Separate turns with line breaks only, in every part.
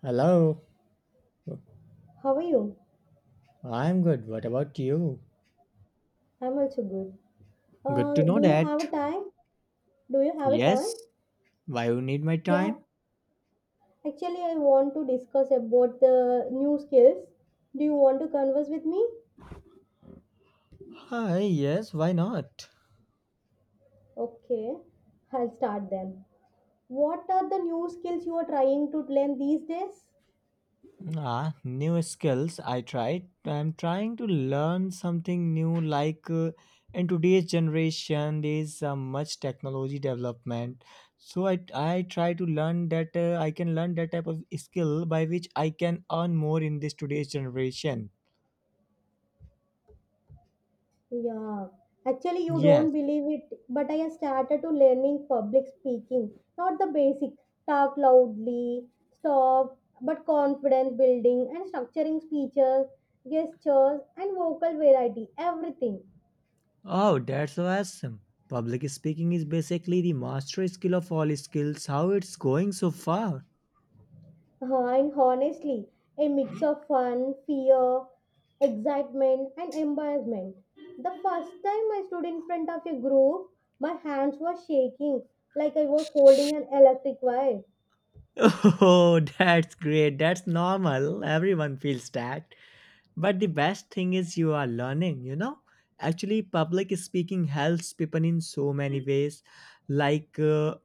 Hello,
How are you?
I'm good. What about you?
I'm also good.
Good to know
Do you
that.
have a time? Do you have a time?
Yes. Why you need my
Yeah.
time?
Actually, I want to discuss about the new skills. Do you want to converse with me?
Hi, yes, why not?
Okay, I'll start then. What are the new skills you are trying to learn these days?
Ah, new skills. I tried. I'm trying to learn something new. Like in today's generation, there's much technology development. So I try to learn that I can learn that type of skill by which I can earn more in this today's generation.
Yeah, actually, you
Yes.
don't believe it, but I have started to learning public speaking, not the basic talk loudly, stop, but confidence building and structuring speeches, gestures, and vocal variety, everything.
Oh, that's awesome. Public speaking is basically the master skill of all skills. How it's going so far?
And honestly, a mix of fun, fear, excitement, and embarrassment. The first time I stood in front of a group, my hands were shaking like I was holding an electric wire.
Oh, that's great. That's normal. Everyone feels that. But the best thing is you are learning, you know? Actually, public speaking helps people in so many ways, like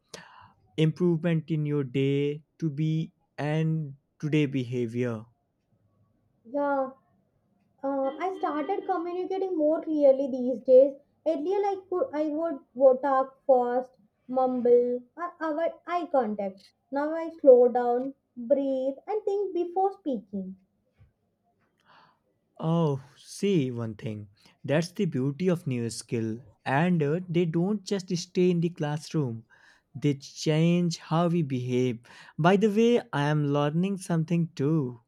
improvement in your day to be and today behavior.
Yeah, I started communicating more clearly these days. Earlier, I would talk fast, mumble, or avoid eye contact. Now I slow down, breathe, and think before speaking.
Oh, see one thing. That's the beauty of new skill. And they don't just stay in the classroom. They change how we behave. By the way, I am learning something too.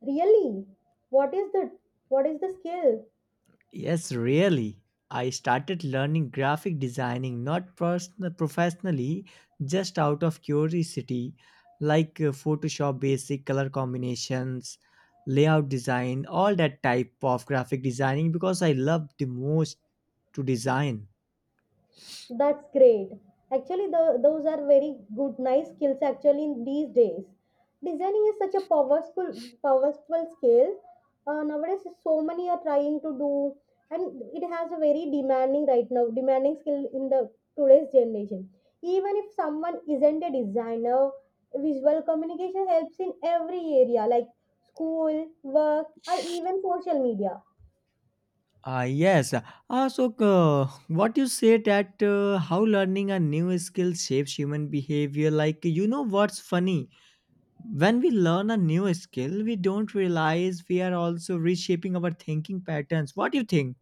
Really, what is the what is the skill?
Yes, really. I started learning graphic designing not personal, professionally, just out of curiosity, like Photoshop basic color combinations, layout design, all that type of graphic designing because I love the most to design.
That's great. Actually, those are very good, nice skills actually in these days. Designing is such a powerful, powerful skill. Nowadays, so many are trying to do, and it has a very demanding right now, demanding skill in the today's generation. Even if someone isn't a designer, visual communication helps in every area like school, work, or even social media.
Yes. So, what you say that how learning a new skill shapes human behavior? Like, you know what's funny? When we learn a new skill, we don't realize we are also reshaping our thinking patterns. What do you think?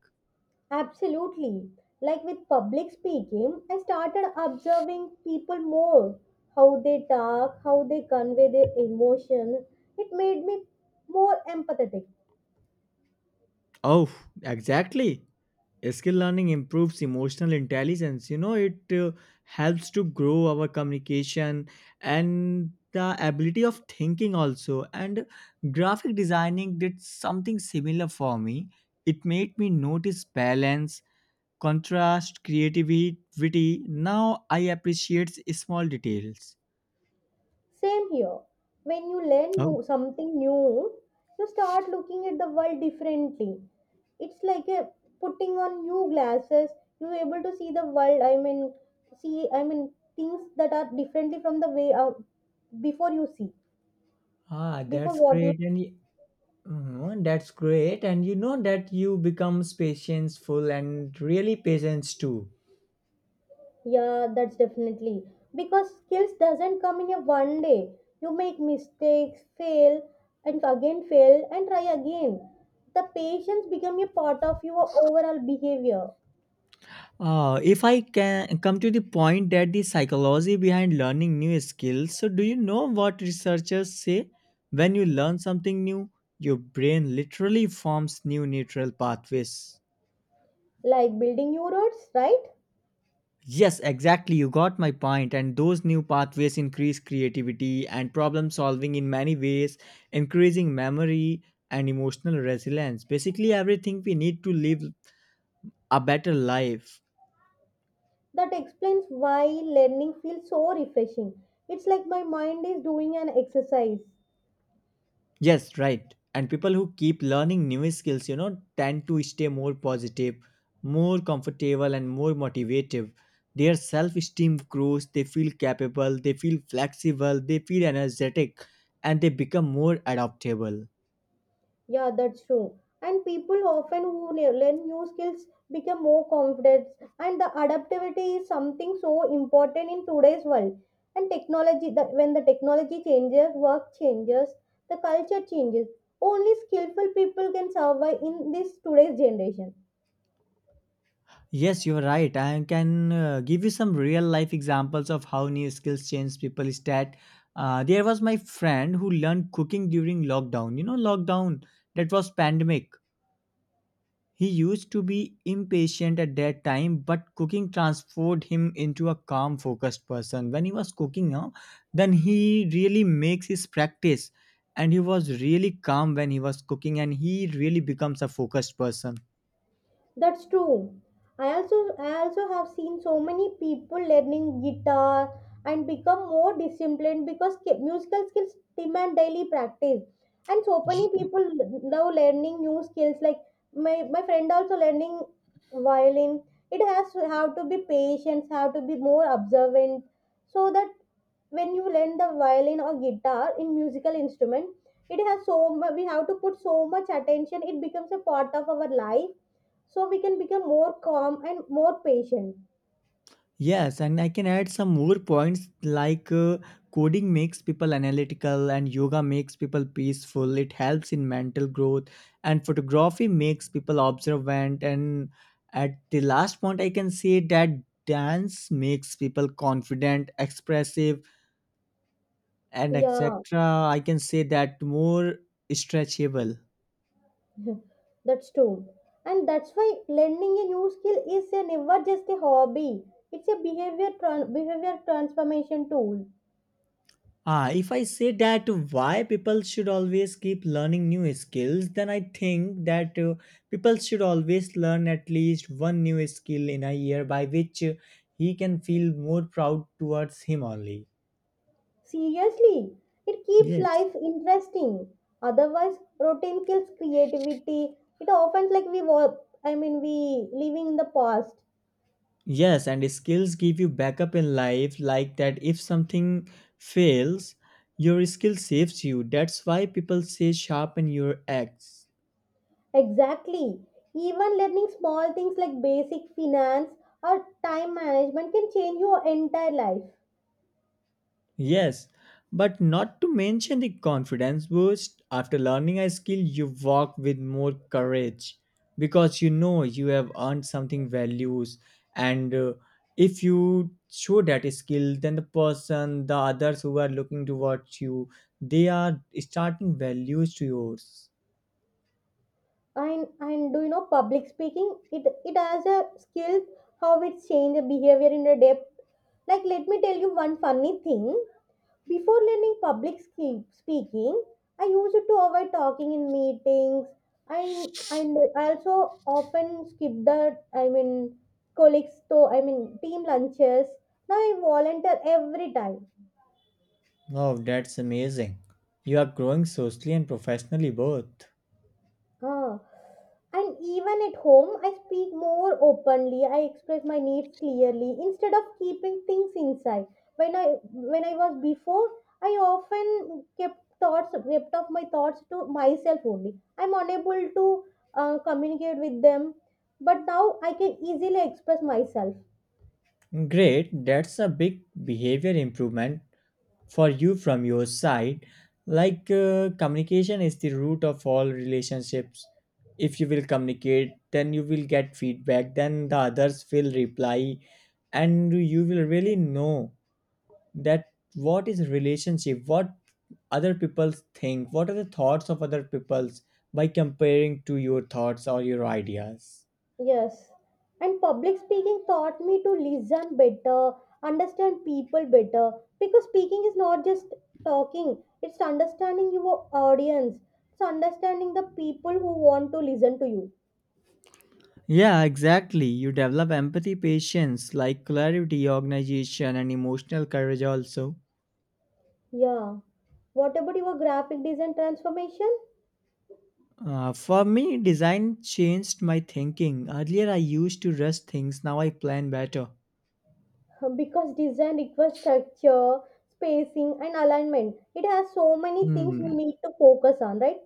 Absolutely. Like with public speaking, I started observing people more, how they talk, how they convey their emotion. It made me more empathetic.
Oh, exactly. Skill learning improves emotional intelligence. You know, it helps to grow our communication and the ability of thinking also. And graphic designing did something similar for me. It made me notice balance, contrast, creativity. Now I appreciate small details.
Same here. When you learn
Oh.
new something new, you start looking at the world differently. It's like a putting on new glasses. You're able to see the world. I mean, see. I mean things that are differently from the way before you see,
Ah,
before
that's
what you.
great, and mhm, that's great, and you know that you becomes patientful and really patience too.
Yeah, that's definitely because skills doesn't come in a one day. You make mistakes, fail, and again fail, and try again. The patience become a part of your overall behavior,
If I can come to the point that the psychology behind learning new skills, so do you know what researchers say? When you learn something new, your brain literally forms new neural pathways.
like building new roads, right?
Yes, exactly. You got my point. And those new pathways increase creativity and problem solving in many ways, increasing memory and emotional resilience. Basically, everything we need to live a better life.
That explains why learning feels so refreshing. It's like my mind is doing an exercise.
Yes, right. And people who keep learning new skills, you know, tend to stay more positive, more comfortable, and more motivative. Their self esteem grows, they feel capable, they feel flexible, they feel energetic, and they become more adaptable.
Yeah, that's true. And people often who learn new skills become more confident. And the adaptability is something so important in today's world. And technology, that when the technology changes, work changes, the culture changes. Only skillful people can survive in this today's generation.
Yes, you're right. I can give you some real life examples of how new skills change people's stat. There was my friend who learned cooking during lockdown. You know, lockdown that was pandemic. He used to be impatient at that time, but cooking transformed him into a calm, focused person. When he was cooking now, then he really makes his practice, and he was really calm when he was cooking, and he really becomes a focused person.
That's true. I also have seen so many people learning guitar and become more disciplined because musical skills demand daily practice. And so many people now learning new skills like my friend also learning violin. It has to have to be patient, have to be more observant so that when you learn the violin or guitar in musical instrument, it has so much, we have to put so much attention, it becomes a part of our life, so we can become more calm and more patient.
Yes, and I can add some more points like coding makes people analytical and yoga makes people peaceful. It helps in mental growth and photography makes people observant. And at the last point, I can say that dance makes people confident, expressive, and
Yeah.
etc. I can say that more stretchable.
That's true, and that's why learning a new skill is a never just a hobby, it's a behavior tran behavior transformation tool.
Ah, if I say that why people should always keep learning new skills, then I think that people should always learn at least one new skill in a year by which he can feel more proud towards him only.
Seriously, it keeps
Yes.
life interesting. Otherwise, routine kills creativity. It often like we were, I mean, we living in the past.
Yes, and skills give you backup in life like that if something fails, your skill saves you. That's why people say sharpen your axe.
Exactly. Even learning small things like basic finance or time management can change your entire life.
Yes, but not to mention the confidence boost. After learning a skill, you walk with more courage because you know you have earned something values. And if you show that skill, then the person, the others who are looking towards you, they are starting values to yours.
And do you know public speaking? It has a skill how it change the behavior in the depth. Like let me tell you one funny thing. Before learning public speaking, I used to avoid talking in meetings. I and I also often skip the, colleagues to, team lunches. Now I volunteer every time.
Wow, that's amazing. You are growing socially and professionally both.
Ah. And even at home, I speak more openly. I express my needs clearly instead of keeping things inside. When I was before, I often kept thoughts, kept off my thoughts to myself only. I'm unable to communicate with them, but now I can easily express myself.
Great, that's a big behavior improvement for you from your side like communication is the root of all relationships. If you will communicate then you will get feedback, then the others will reply and you will really know that what is relationship, what other people think, what are the thoughts of other people's by comparing to your thoughts or your ideas.
Yes, and public speaking taught me to listen better, understand people better, because speaking is not just talking, it's understanding your audience, it's understanding the people who want to listen to you.
Yeah, exactly. You develop empathy, patience, like clarity, organization, and emotional courage also.
Yeah, what about your graphic design transformation?
For me, design changed my thinking. Earlier, I used to rush things, now I plan better.
Because design requires structure, spacing, and alignment. It has so many things you
Hmm.
need to focus on, right?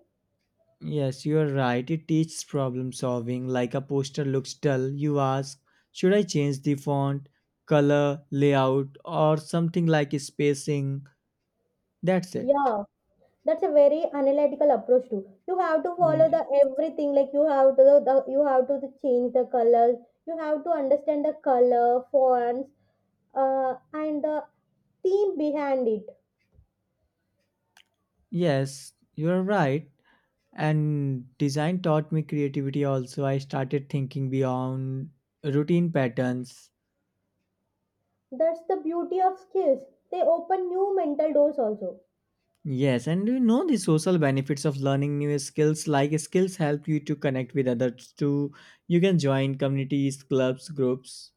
Yes, you are right. It teaches problem solving. Like a poster looks dull, you ask, should I change the font, color, layout, or something like spacing? That's it.
Yeah. That's a very analytical approach too. You have to follow
Ye-
the everything. Like you have to you have to the change the colors. You have to understand the color fonts, and the theme behind it.
Yes, you are right. And design taught me creativity also. I started thinking beyond routine patterns.
That's the beauty of skills. They open new mental doors also.
Yes, and do you know the social benefits of learning new skills? Like skills help you to connect with others too. You can join communities, clubs, groups.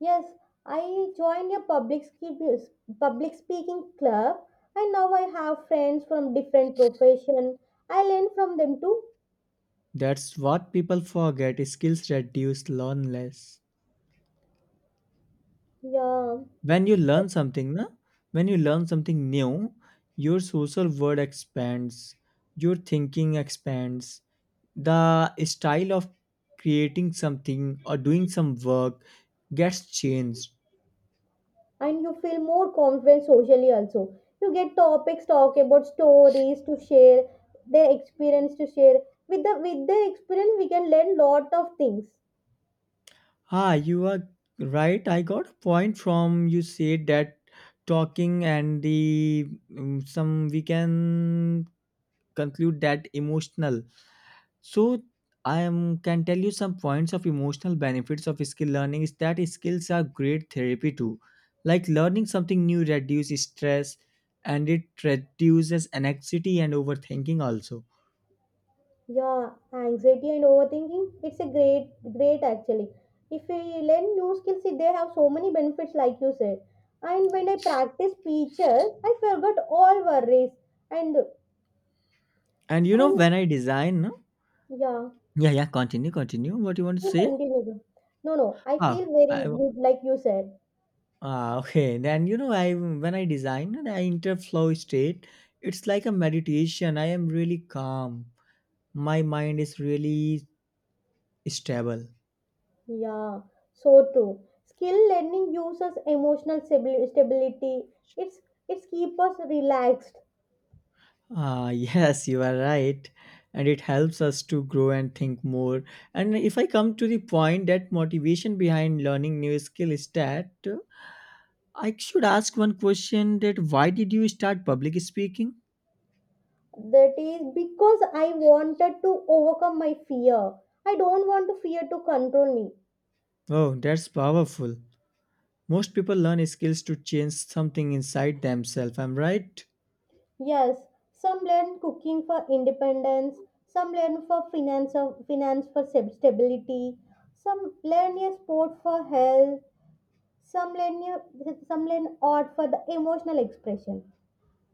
Yes, I joined a public speaking club, and now I have friends from different profession. I learn from them too.
That's what people forget. Skills reduce loneliness.
Yeah.
When you learn something, na? When you learn something new, your social world expands, your thinking expands. The style of creating something or doing some work gets changed.
And you feel more confident socially also. You get topics talk about, stories to share, their experience to share. With the, with their experience we can learn lot of things.
Ah, you are right. I got a point from you said that talking and the some we can conclude that emotional. So I am can tell you some points of emotional benefits of skill learning is that skills are great therapy too. Like learning something new reduces stress and it reduces anxiety and overthinking also.
Yeah, anxiety and overthinking, it's a great, great actually. If we learn new skills, see, they have so many benefits like you said. And when I practice speeches I forgot all worries. and
And you know
and
when I design, no?
yeah,
Yeah, yeah, continue, continue. What you want to
you
say?
continue. No no I
Ah,
feel very
I,
good, like you said.
Ah, okay. Then you know, I when I design and I enter flow state, it's like a meditation. I am really calm. My mind is really stable.
Yeah, so true. Skill learning gives us emotional stability. It's it's keep us relaxed.
Ah, yes, you are right. And it helps us to grow and think more. And if I come to the point that motivation behind learning new skill is that I should ask one question that why did you start public speaking?
That is because I wanted to overcome my fear. I don't want to fear to control me.
Oh, that's powerful. Most people learn skills to change something inside themselves. I'm right.
Yes, some learn cooking for independence. Some learn for finance of finance for stability. Some learn a sport for health. Some learn a, some learn art for the emotional expression.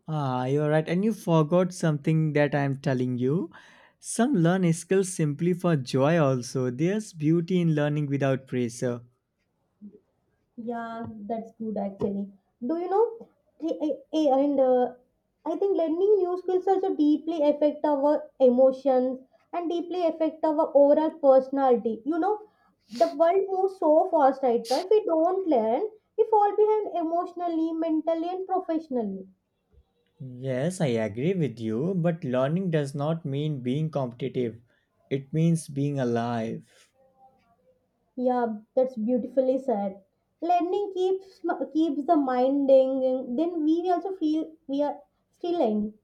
Ah, you're right. And you forgot something that I'm telling you. Some learn skills simply for joy, also. There's beauty in learning without pressure.
Yeah, that's good actually. Do you know the- eh, eh, And I think learning new skills also deeply affect our emotions and deeply affect our overall personality. You know, the world moves so fast right now. If we don't learn, we fall behind emotionally, mentally, and professionally.
Yes, I agree with you, but learning does not mean being competitive. It means being alive.
Yeah, that's beautifully said. Learning keeps, keeps the mind ding. Then we also feel we are still young,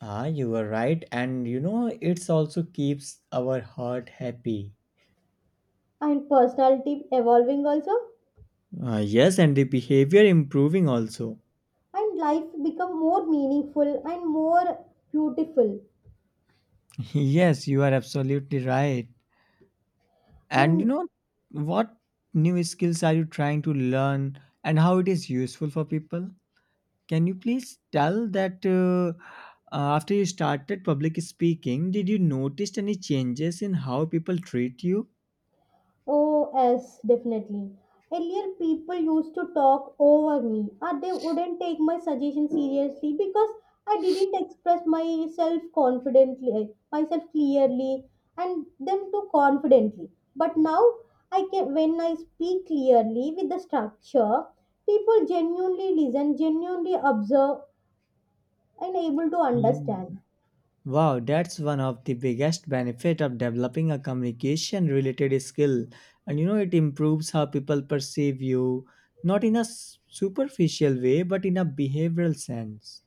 Ah, you were right. And you know, it's also keeps our heart happy.
and personality evolving also,
Ah, yes, and the behavior improving also.
and life become more meaningful and more beautiful
Yes, you are absolutely right. And you
and.
know what new skills are you trying to learn and how it is useful for people? Can you please tell that after you started public speaking, did you notice any changes in how people treat you?
Oh yes, definitely. Earlier people used to talk over me or they wouldn't take my suggestion seriously because I didn't express myself confidently, myself clearly, and them too confidently. But now I can, when I speak clearly with the structure, people genuinely listen, genuinely observe, and able to
Mm.
understand.
Wow, that's one of the biggest benefit of developing a communication related skill. And you know it improves how people perceive you, not in a superficial way, but in a behavioral sense.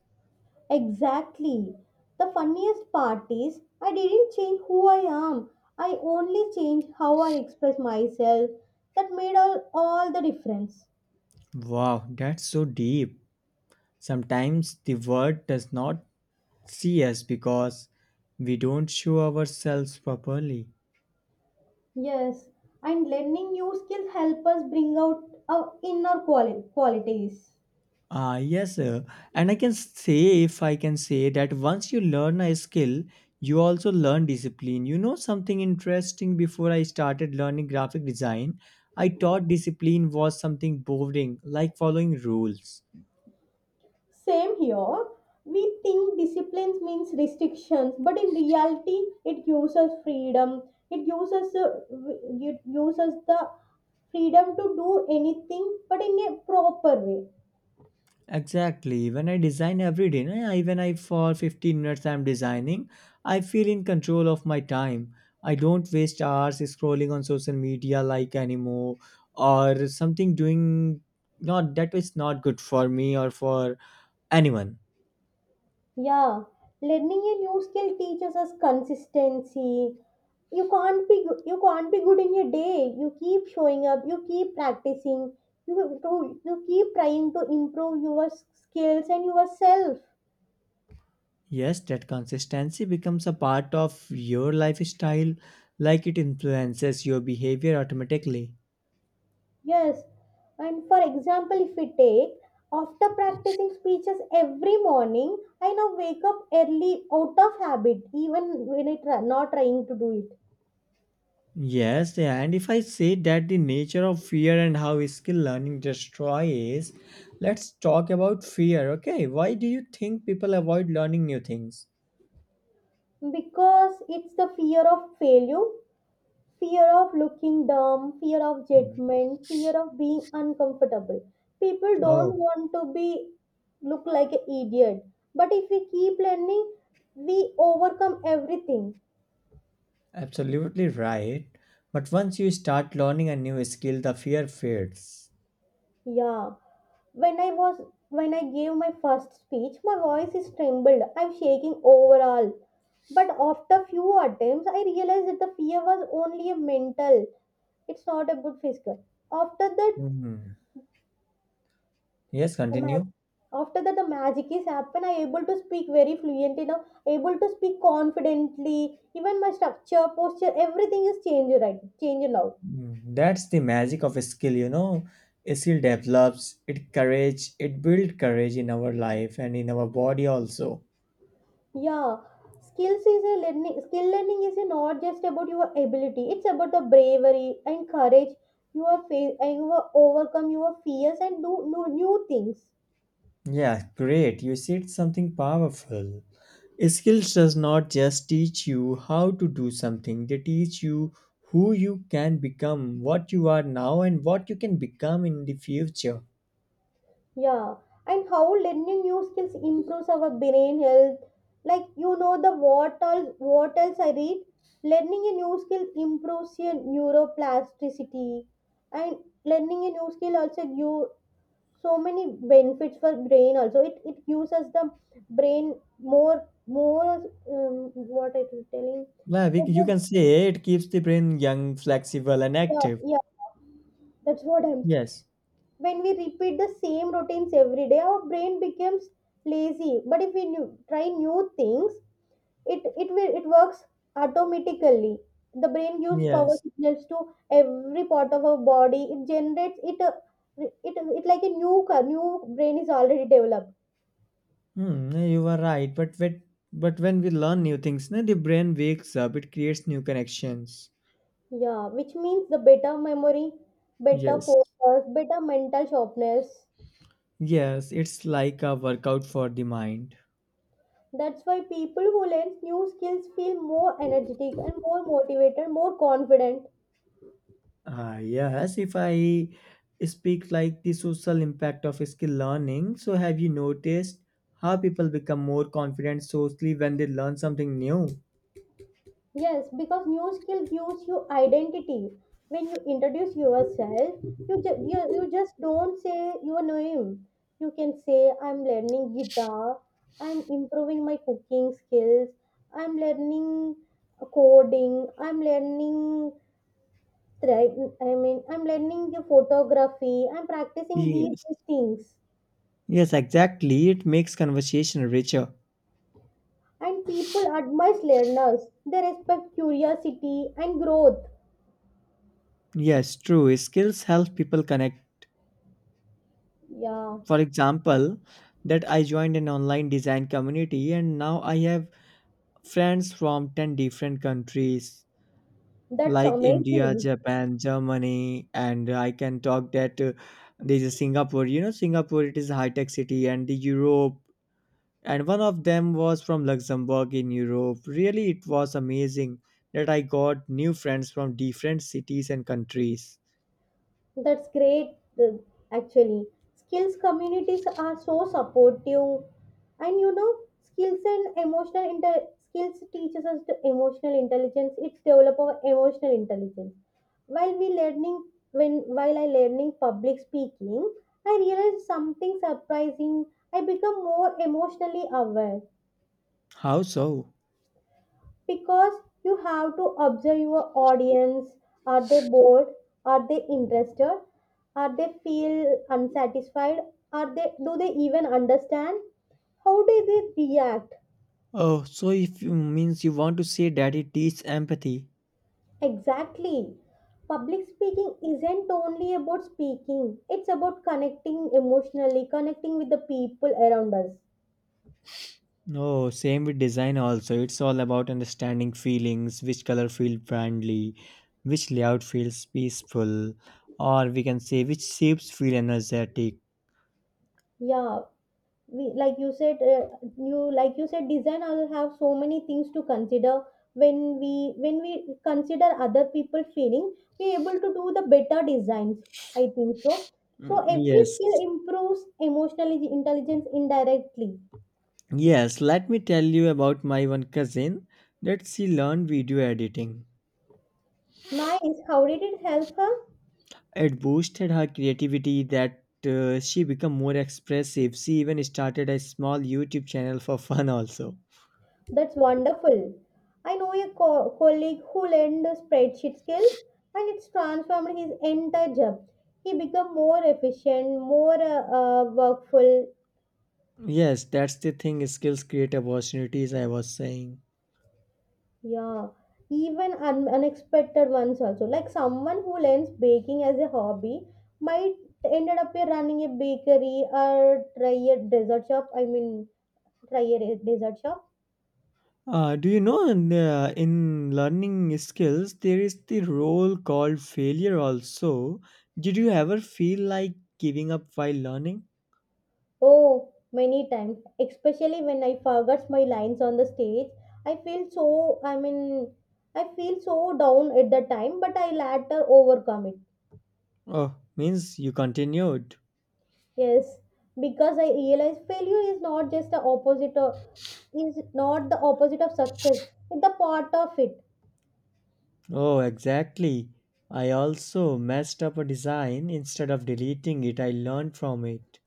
Exactly. The funniest part is I didn't change who I am. I only changed how I express myself. That made all the difference.
Wow, that's so deep. Sometimes the world does not see us because we don't show ourselves properly.
Yes, and learning new skills help us bring out our inner qualities.
Ah, yes, sir. And I can say, if I can say, that once you learn a skill, you also learn discipline. You know, something interesting before I started learning graphic design, I thought discipline was something boring, like following rules.
Same here. We think disciplines means restrictions, but in reality, it gives us freedom. It gives us the it gives us the freedom to do anything, but in a proper way.
Exactly. When I design every day, na, even I for 15 minutes I'm designing, I feel in control of my time. I don't waste hours scrolling on social media like anymore or something doing not that is not good for me or for anyone.
Yeah, learning a new skill teaches us consistency. You can't be you can't be good in a day. You keep showing up. You keep practicing. You keep trying to improve your skills and yourself.
Yes, that consistency becomes a part of your lifestyle like it influences your behavior automatically.
Yes, and for example, if we take after practicing speeches every morning, I now wake up early out of habit, even when I try, not trying to do it,
Yes, yeah, and if I say that the nature of fear and how skill learning destroys, let's talk about fear. Okay, why do you think people avoid learning new things?
because it's the fear of failure, fear of looking dumb, fear of
Mm.
judgment, fear of being uncomfortable. People don't
Oh,
want to be look like an idiot. But if we keep learning, we overcome everything.
absolutely right. But once you start learning a new skill, the fear fades.
Yeah. When I was when I gave my first speech, my voice is trembled. I'm shaking overall. But after few attempts, I realized that the fear was only a mental. It's not about physical. After that,
Mhm. Yes,
the magic,
continue.
after that the magic is happen. I able to speak very fluently now. Able to speak confidently. Even my structure, posture, everything is changed, right. Changed now.
Mm, that's the magic of a skill, you know. A skill develops it courage, it builds courage in our life and in our body also.
Yeah, skills is a learning. Skill learning is not just about your ability. It's about the bravery and courage. You are face and you are overcome your fears and do new, new things.
Yeah, great. You said something powerful. Skills does not just teach you how to do something, they teach you who you can become, what you are now, and what you can become in the future.
Yeah, and how learning new skills improves our brain health. Like you know the what all what else I read. Learning a new skill improves your neuroplasticity, and learning a new skill also give so many benefits for brain. Also, it gives us the brain more, more, what I am telling
Yeah, we, you
about.
can say it keeps the brain young, flexible, and
Yeah
active.
yeah that's what I'm.
Yes,
When we repeat the same routines every day, our brain becomes lazy, but if we new, try new things, it will, it works automatically. The brain gives power
yes.
signals to every part of our body. It generates it, it, it like a new new brain is already developed.
Hmm, yeah, you are right. But when we learn new things, na, the brain wakes up, it creates new connections.
Yeah, which means the better memory, better
Yes,
focus, better mental sharpness.
yes. It's like a workout for the mind.
That's why people who learn new skills feel more energetic and more motivated, more confident.
Yes, if I speak like the social impact of skill learning, so have you noticed how people become more confident socially when they learn something new?
Yes, because new skill gives you identity. When you introduce yourself, you just don't say your name. You can say, I'm learning guitar, I'm improving my cooking skills, I'm learning coding, I'm learning, I'm learning the photography, I'm practicing
Yes,
these things.
yes, exactly. It makes conversation richer.
And people admire learners. They respect curiosity and growth.
Yes, true. Skills help people connect.
Yeah,
For example, that I joined an online design community and now I have friends from 10 different countries.
that's
Like India,
amazing.
Japan, Germany, and I can talk that there's a Singapore. You know, Singapore it is a high-tech city, and the Europe, and one of them was from Luxembourg in Europe. Really, it was amazing that I got new friends from different cities and countries.
That's great, uh, actually. Skills communities are so supportive, and you know, skills teaches us the emotional intelligence. It's develop our emotional intelligence. While we learning, when while I learning public speaking, I realized something surprising. I become more emotionally aware
How so?
because you have to observe your audience. Are they bored? Are they interested? Are they feel unsatisfied? Are they Do they even understand? How do they react?
Oh, so if you means you want to say that it teaches empathy.
Exactly. Public speaking isn't only about speaking, it's about connecting, emotionally connecting with the people around us.
No, same with design also. It's all about understanding feelings, which color feel friendly, which layout feels peaceful, or we can say which shapes feel energetic.
Yeah, we like you said, you like you said, design also have so many things to consider. When we when we consider other people feeling, we able to do the better designs, I think so. So
Mm,
every
yes.
skill improves emotional intelligence indirectly.
Yes, let me tell you about my one cousin that she learned video editing.
Nice, how did it help her?
It boosted her creativity that she became more expressive. She even started a small YouTube channel for fun also.
That's wonderful. I know a colleague who learned the spreadsheet skills, and it's transformed his entire job. He become more efficient, more workful.
Yes, that's the thing skills create opportunities I was saying.
Yeah, even unexpected ones also. Like someone who learns baking as a hobby might ended up here running a bakery or try a dessert shop. Try a dessert shop.
Do you know in learning skills there is the role called failure also. Did you ever feel like giving up while learning?
Oh, many times, especially when I forgot my lines on the stage. I feel so, I mean, I feel so down at the time, but I later overcome it.
Oh, means you continued.
Yes, because I realize failure is not just the opposite of is not the opposite of success. It's the part of it.
Oh, exactly. I also messed up a design. Instead of deleting it, I learned from it.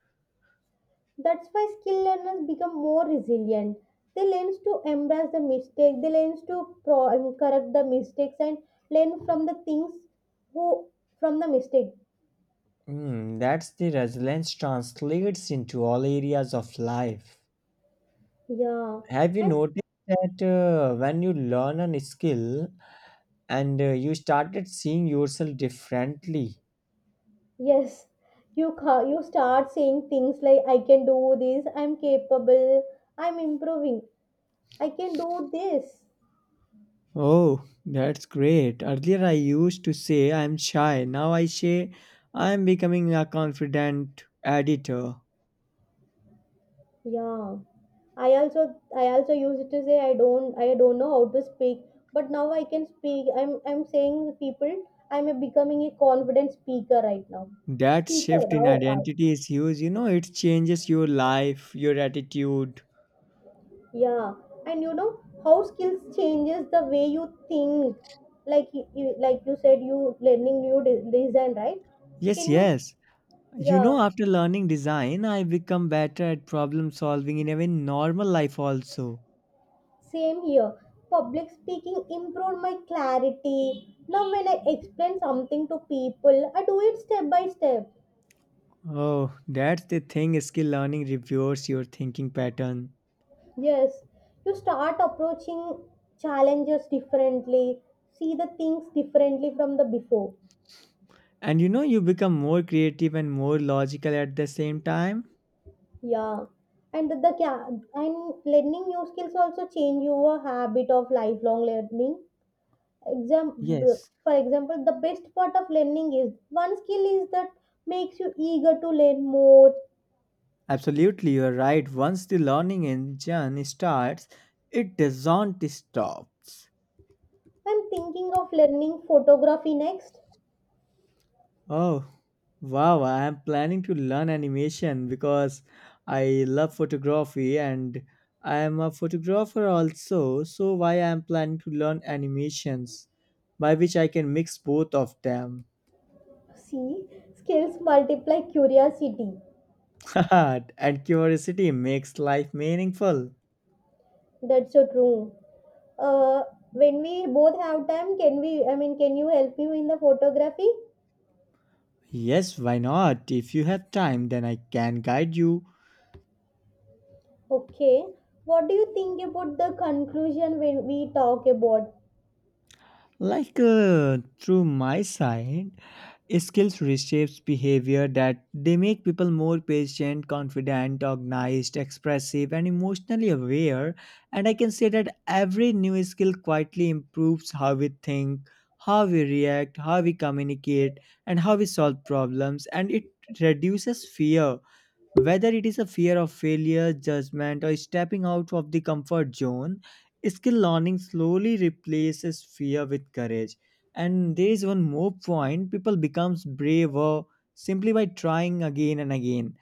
That's why skill learners become more resilient. They learn to embrace the mistake. They learn to pro- I correct the mistakes and learn from the things who from the mistake.
Hmm, that's the resilience translates into all areas of life.
Yeah,
Have you
and
noticed that when you learn a skill, and you started seeing yourself differently.
yes, you start saying things like I can do this. I'm capable. I'm improving. I can do this.
Oh, that's great. Earlier I used to say I'm shy. Now I say I'm becoming a confident editor.
Yeah. I also used to say I don't know how to speak, but now I can speak. I'm saying people I'm a becoming a confident speaker right now.
That
Speaker
shift in
now. I-
identity is huge. You know, it changes your life, your attitude.
Yeah. And you know how skills changes the way you think. Like like you said, you learning new design, right?
Yes,
Can you,
yes. You know,
yeah.
after learning design, I become better at problem solving in even normal life also.
Same here. Public speaking improved my clarity. Now, when I explain something to people, I do it step by step.
Oh, that's the thing skill learning reveals your thinking pattern.
Yes, you start approaching challenges differently, see the things differently from the before.
And you know, you become more creative and more logical at the same time.
Yeah, and and learning new skills also change your habit of lifelong learning. Exam,
Yes,
for example, the best part of learning is one skill is that makes you eager to learn more.
absolutely, you're right. Once the learning engine starts, it doesn't stop.
I'm thinking of learning photography next.
Oh, wow, I am planning to learn animation because I love photography and I am a photographer also. So, why I am planning to learn animations by which I can mix both of them.
See, skills multiply curiosity.
And curiosity makes life meaningful.
That's so true. Uh, when we both have time, can we? I mean, can you help me in the photography?
Yes, why not? If you have time, then I can guide you.
Okay. What do you think about the conclusion when we talk about?
Like through my side, skills reshapes behavior that they make people more patient, confident, organized, expressive, and emotionally aware. And I can say that every new skill quietly improves how we think, how we react, how we communicate, and how we solve problems. And it reduces fear, whether it is a fear of failure, judgment, or stepping out of the comfort zone, skill learning slowly replaces fear with courage. And there is one more point, people becomes braver simply by trying again and again,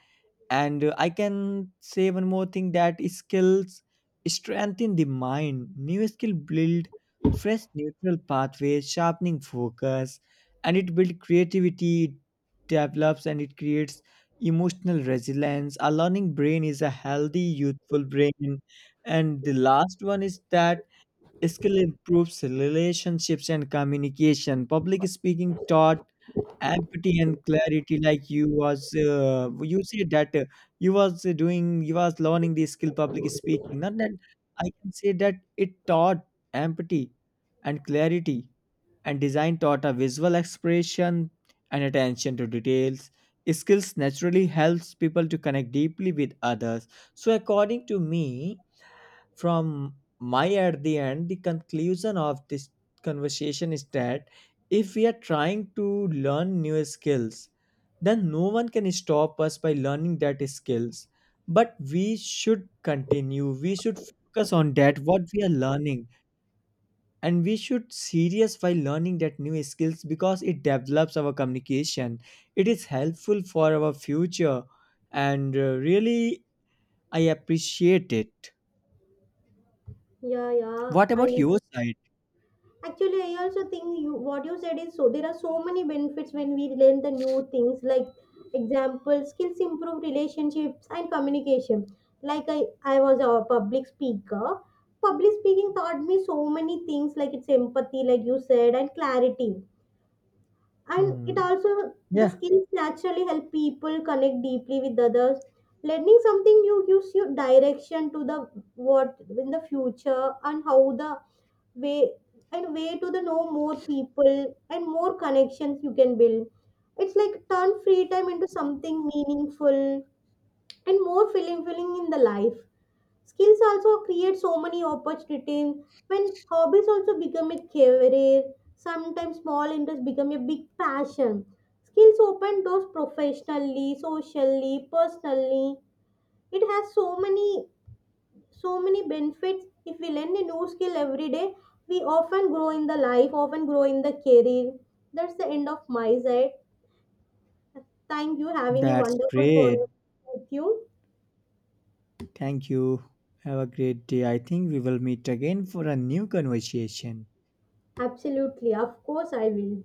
and I can say one more thing that skills strengthen the mind, new skill build fresh neural pathways, sharpening focus, and it build creativity, it develops and it creates emotional resilience, a learning brain is a healthy youthful brain. And the last one is that skill improves relationships and communication. Public speaking taught empathy and clarity, like you was you said that you was doing, you was learning the skill public speaking, not that I can say that it taught empathy and clarity. And design taught a visual expression and attention to details. Skills naturally helps people to connect deeply with others. So according to me, from my, at the end, the conclusion of this conversation is that if we are trying to learn new skills, then no one can stop us by learning that skills, but we should continue, we should focus on that what we are learning, and we should serious by learning that new skills because it develops our communication, it is helpful for our future. And really I appreciate it.
Yeah, yeah.
What about
I
your side?
actually, I also think you what you said is, so there are so many benefits when we learn the new things, like example, skills improve relationships and communication. Like I was a public speaker. Public speaking taught me so many things, like it's empathy, like you said, and clarity. And it
Hmm.
also the
Yeah,
skills naturally help people connect deeply with others. Learning something new gives you direction to the what in the future and how the way and way to the know more people, and more connections you can build. It's like turn free time into something meaningful and more filling in the life. Skills also create so many opportunities when hobbies also become a career. Sometimes small interests become a big passion. Skills open doors professionally, socially, personally. It has so many, so many benefits. If we learn a new skill every day, we often grow in the life, often grow in the career. That's the end of my side. Thank you having a
that's
wonderful phone
great.
with you.
Thank you. Have a great day. I think we will meet again for a new conversation.
Absolutely, of course I will.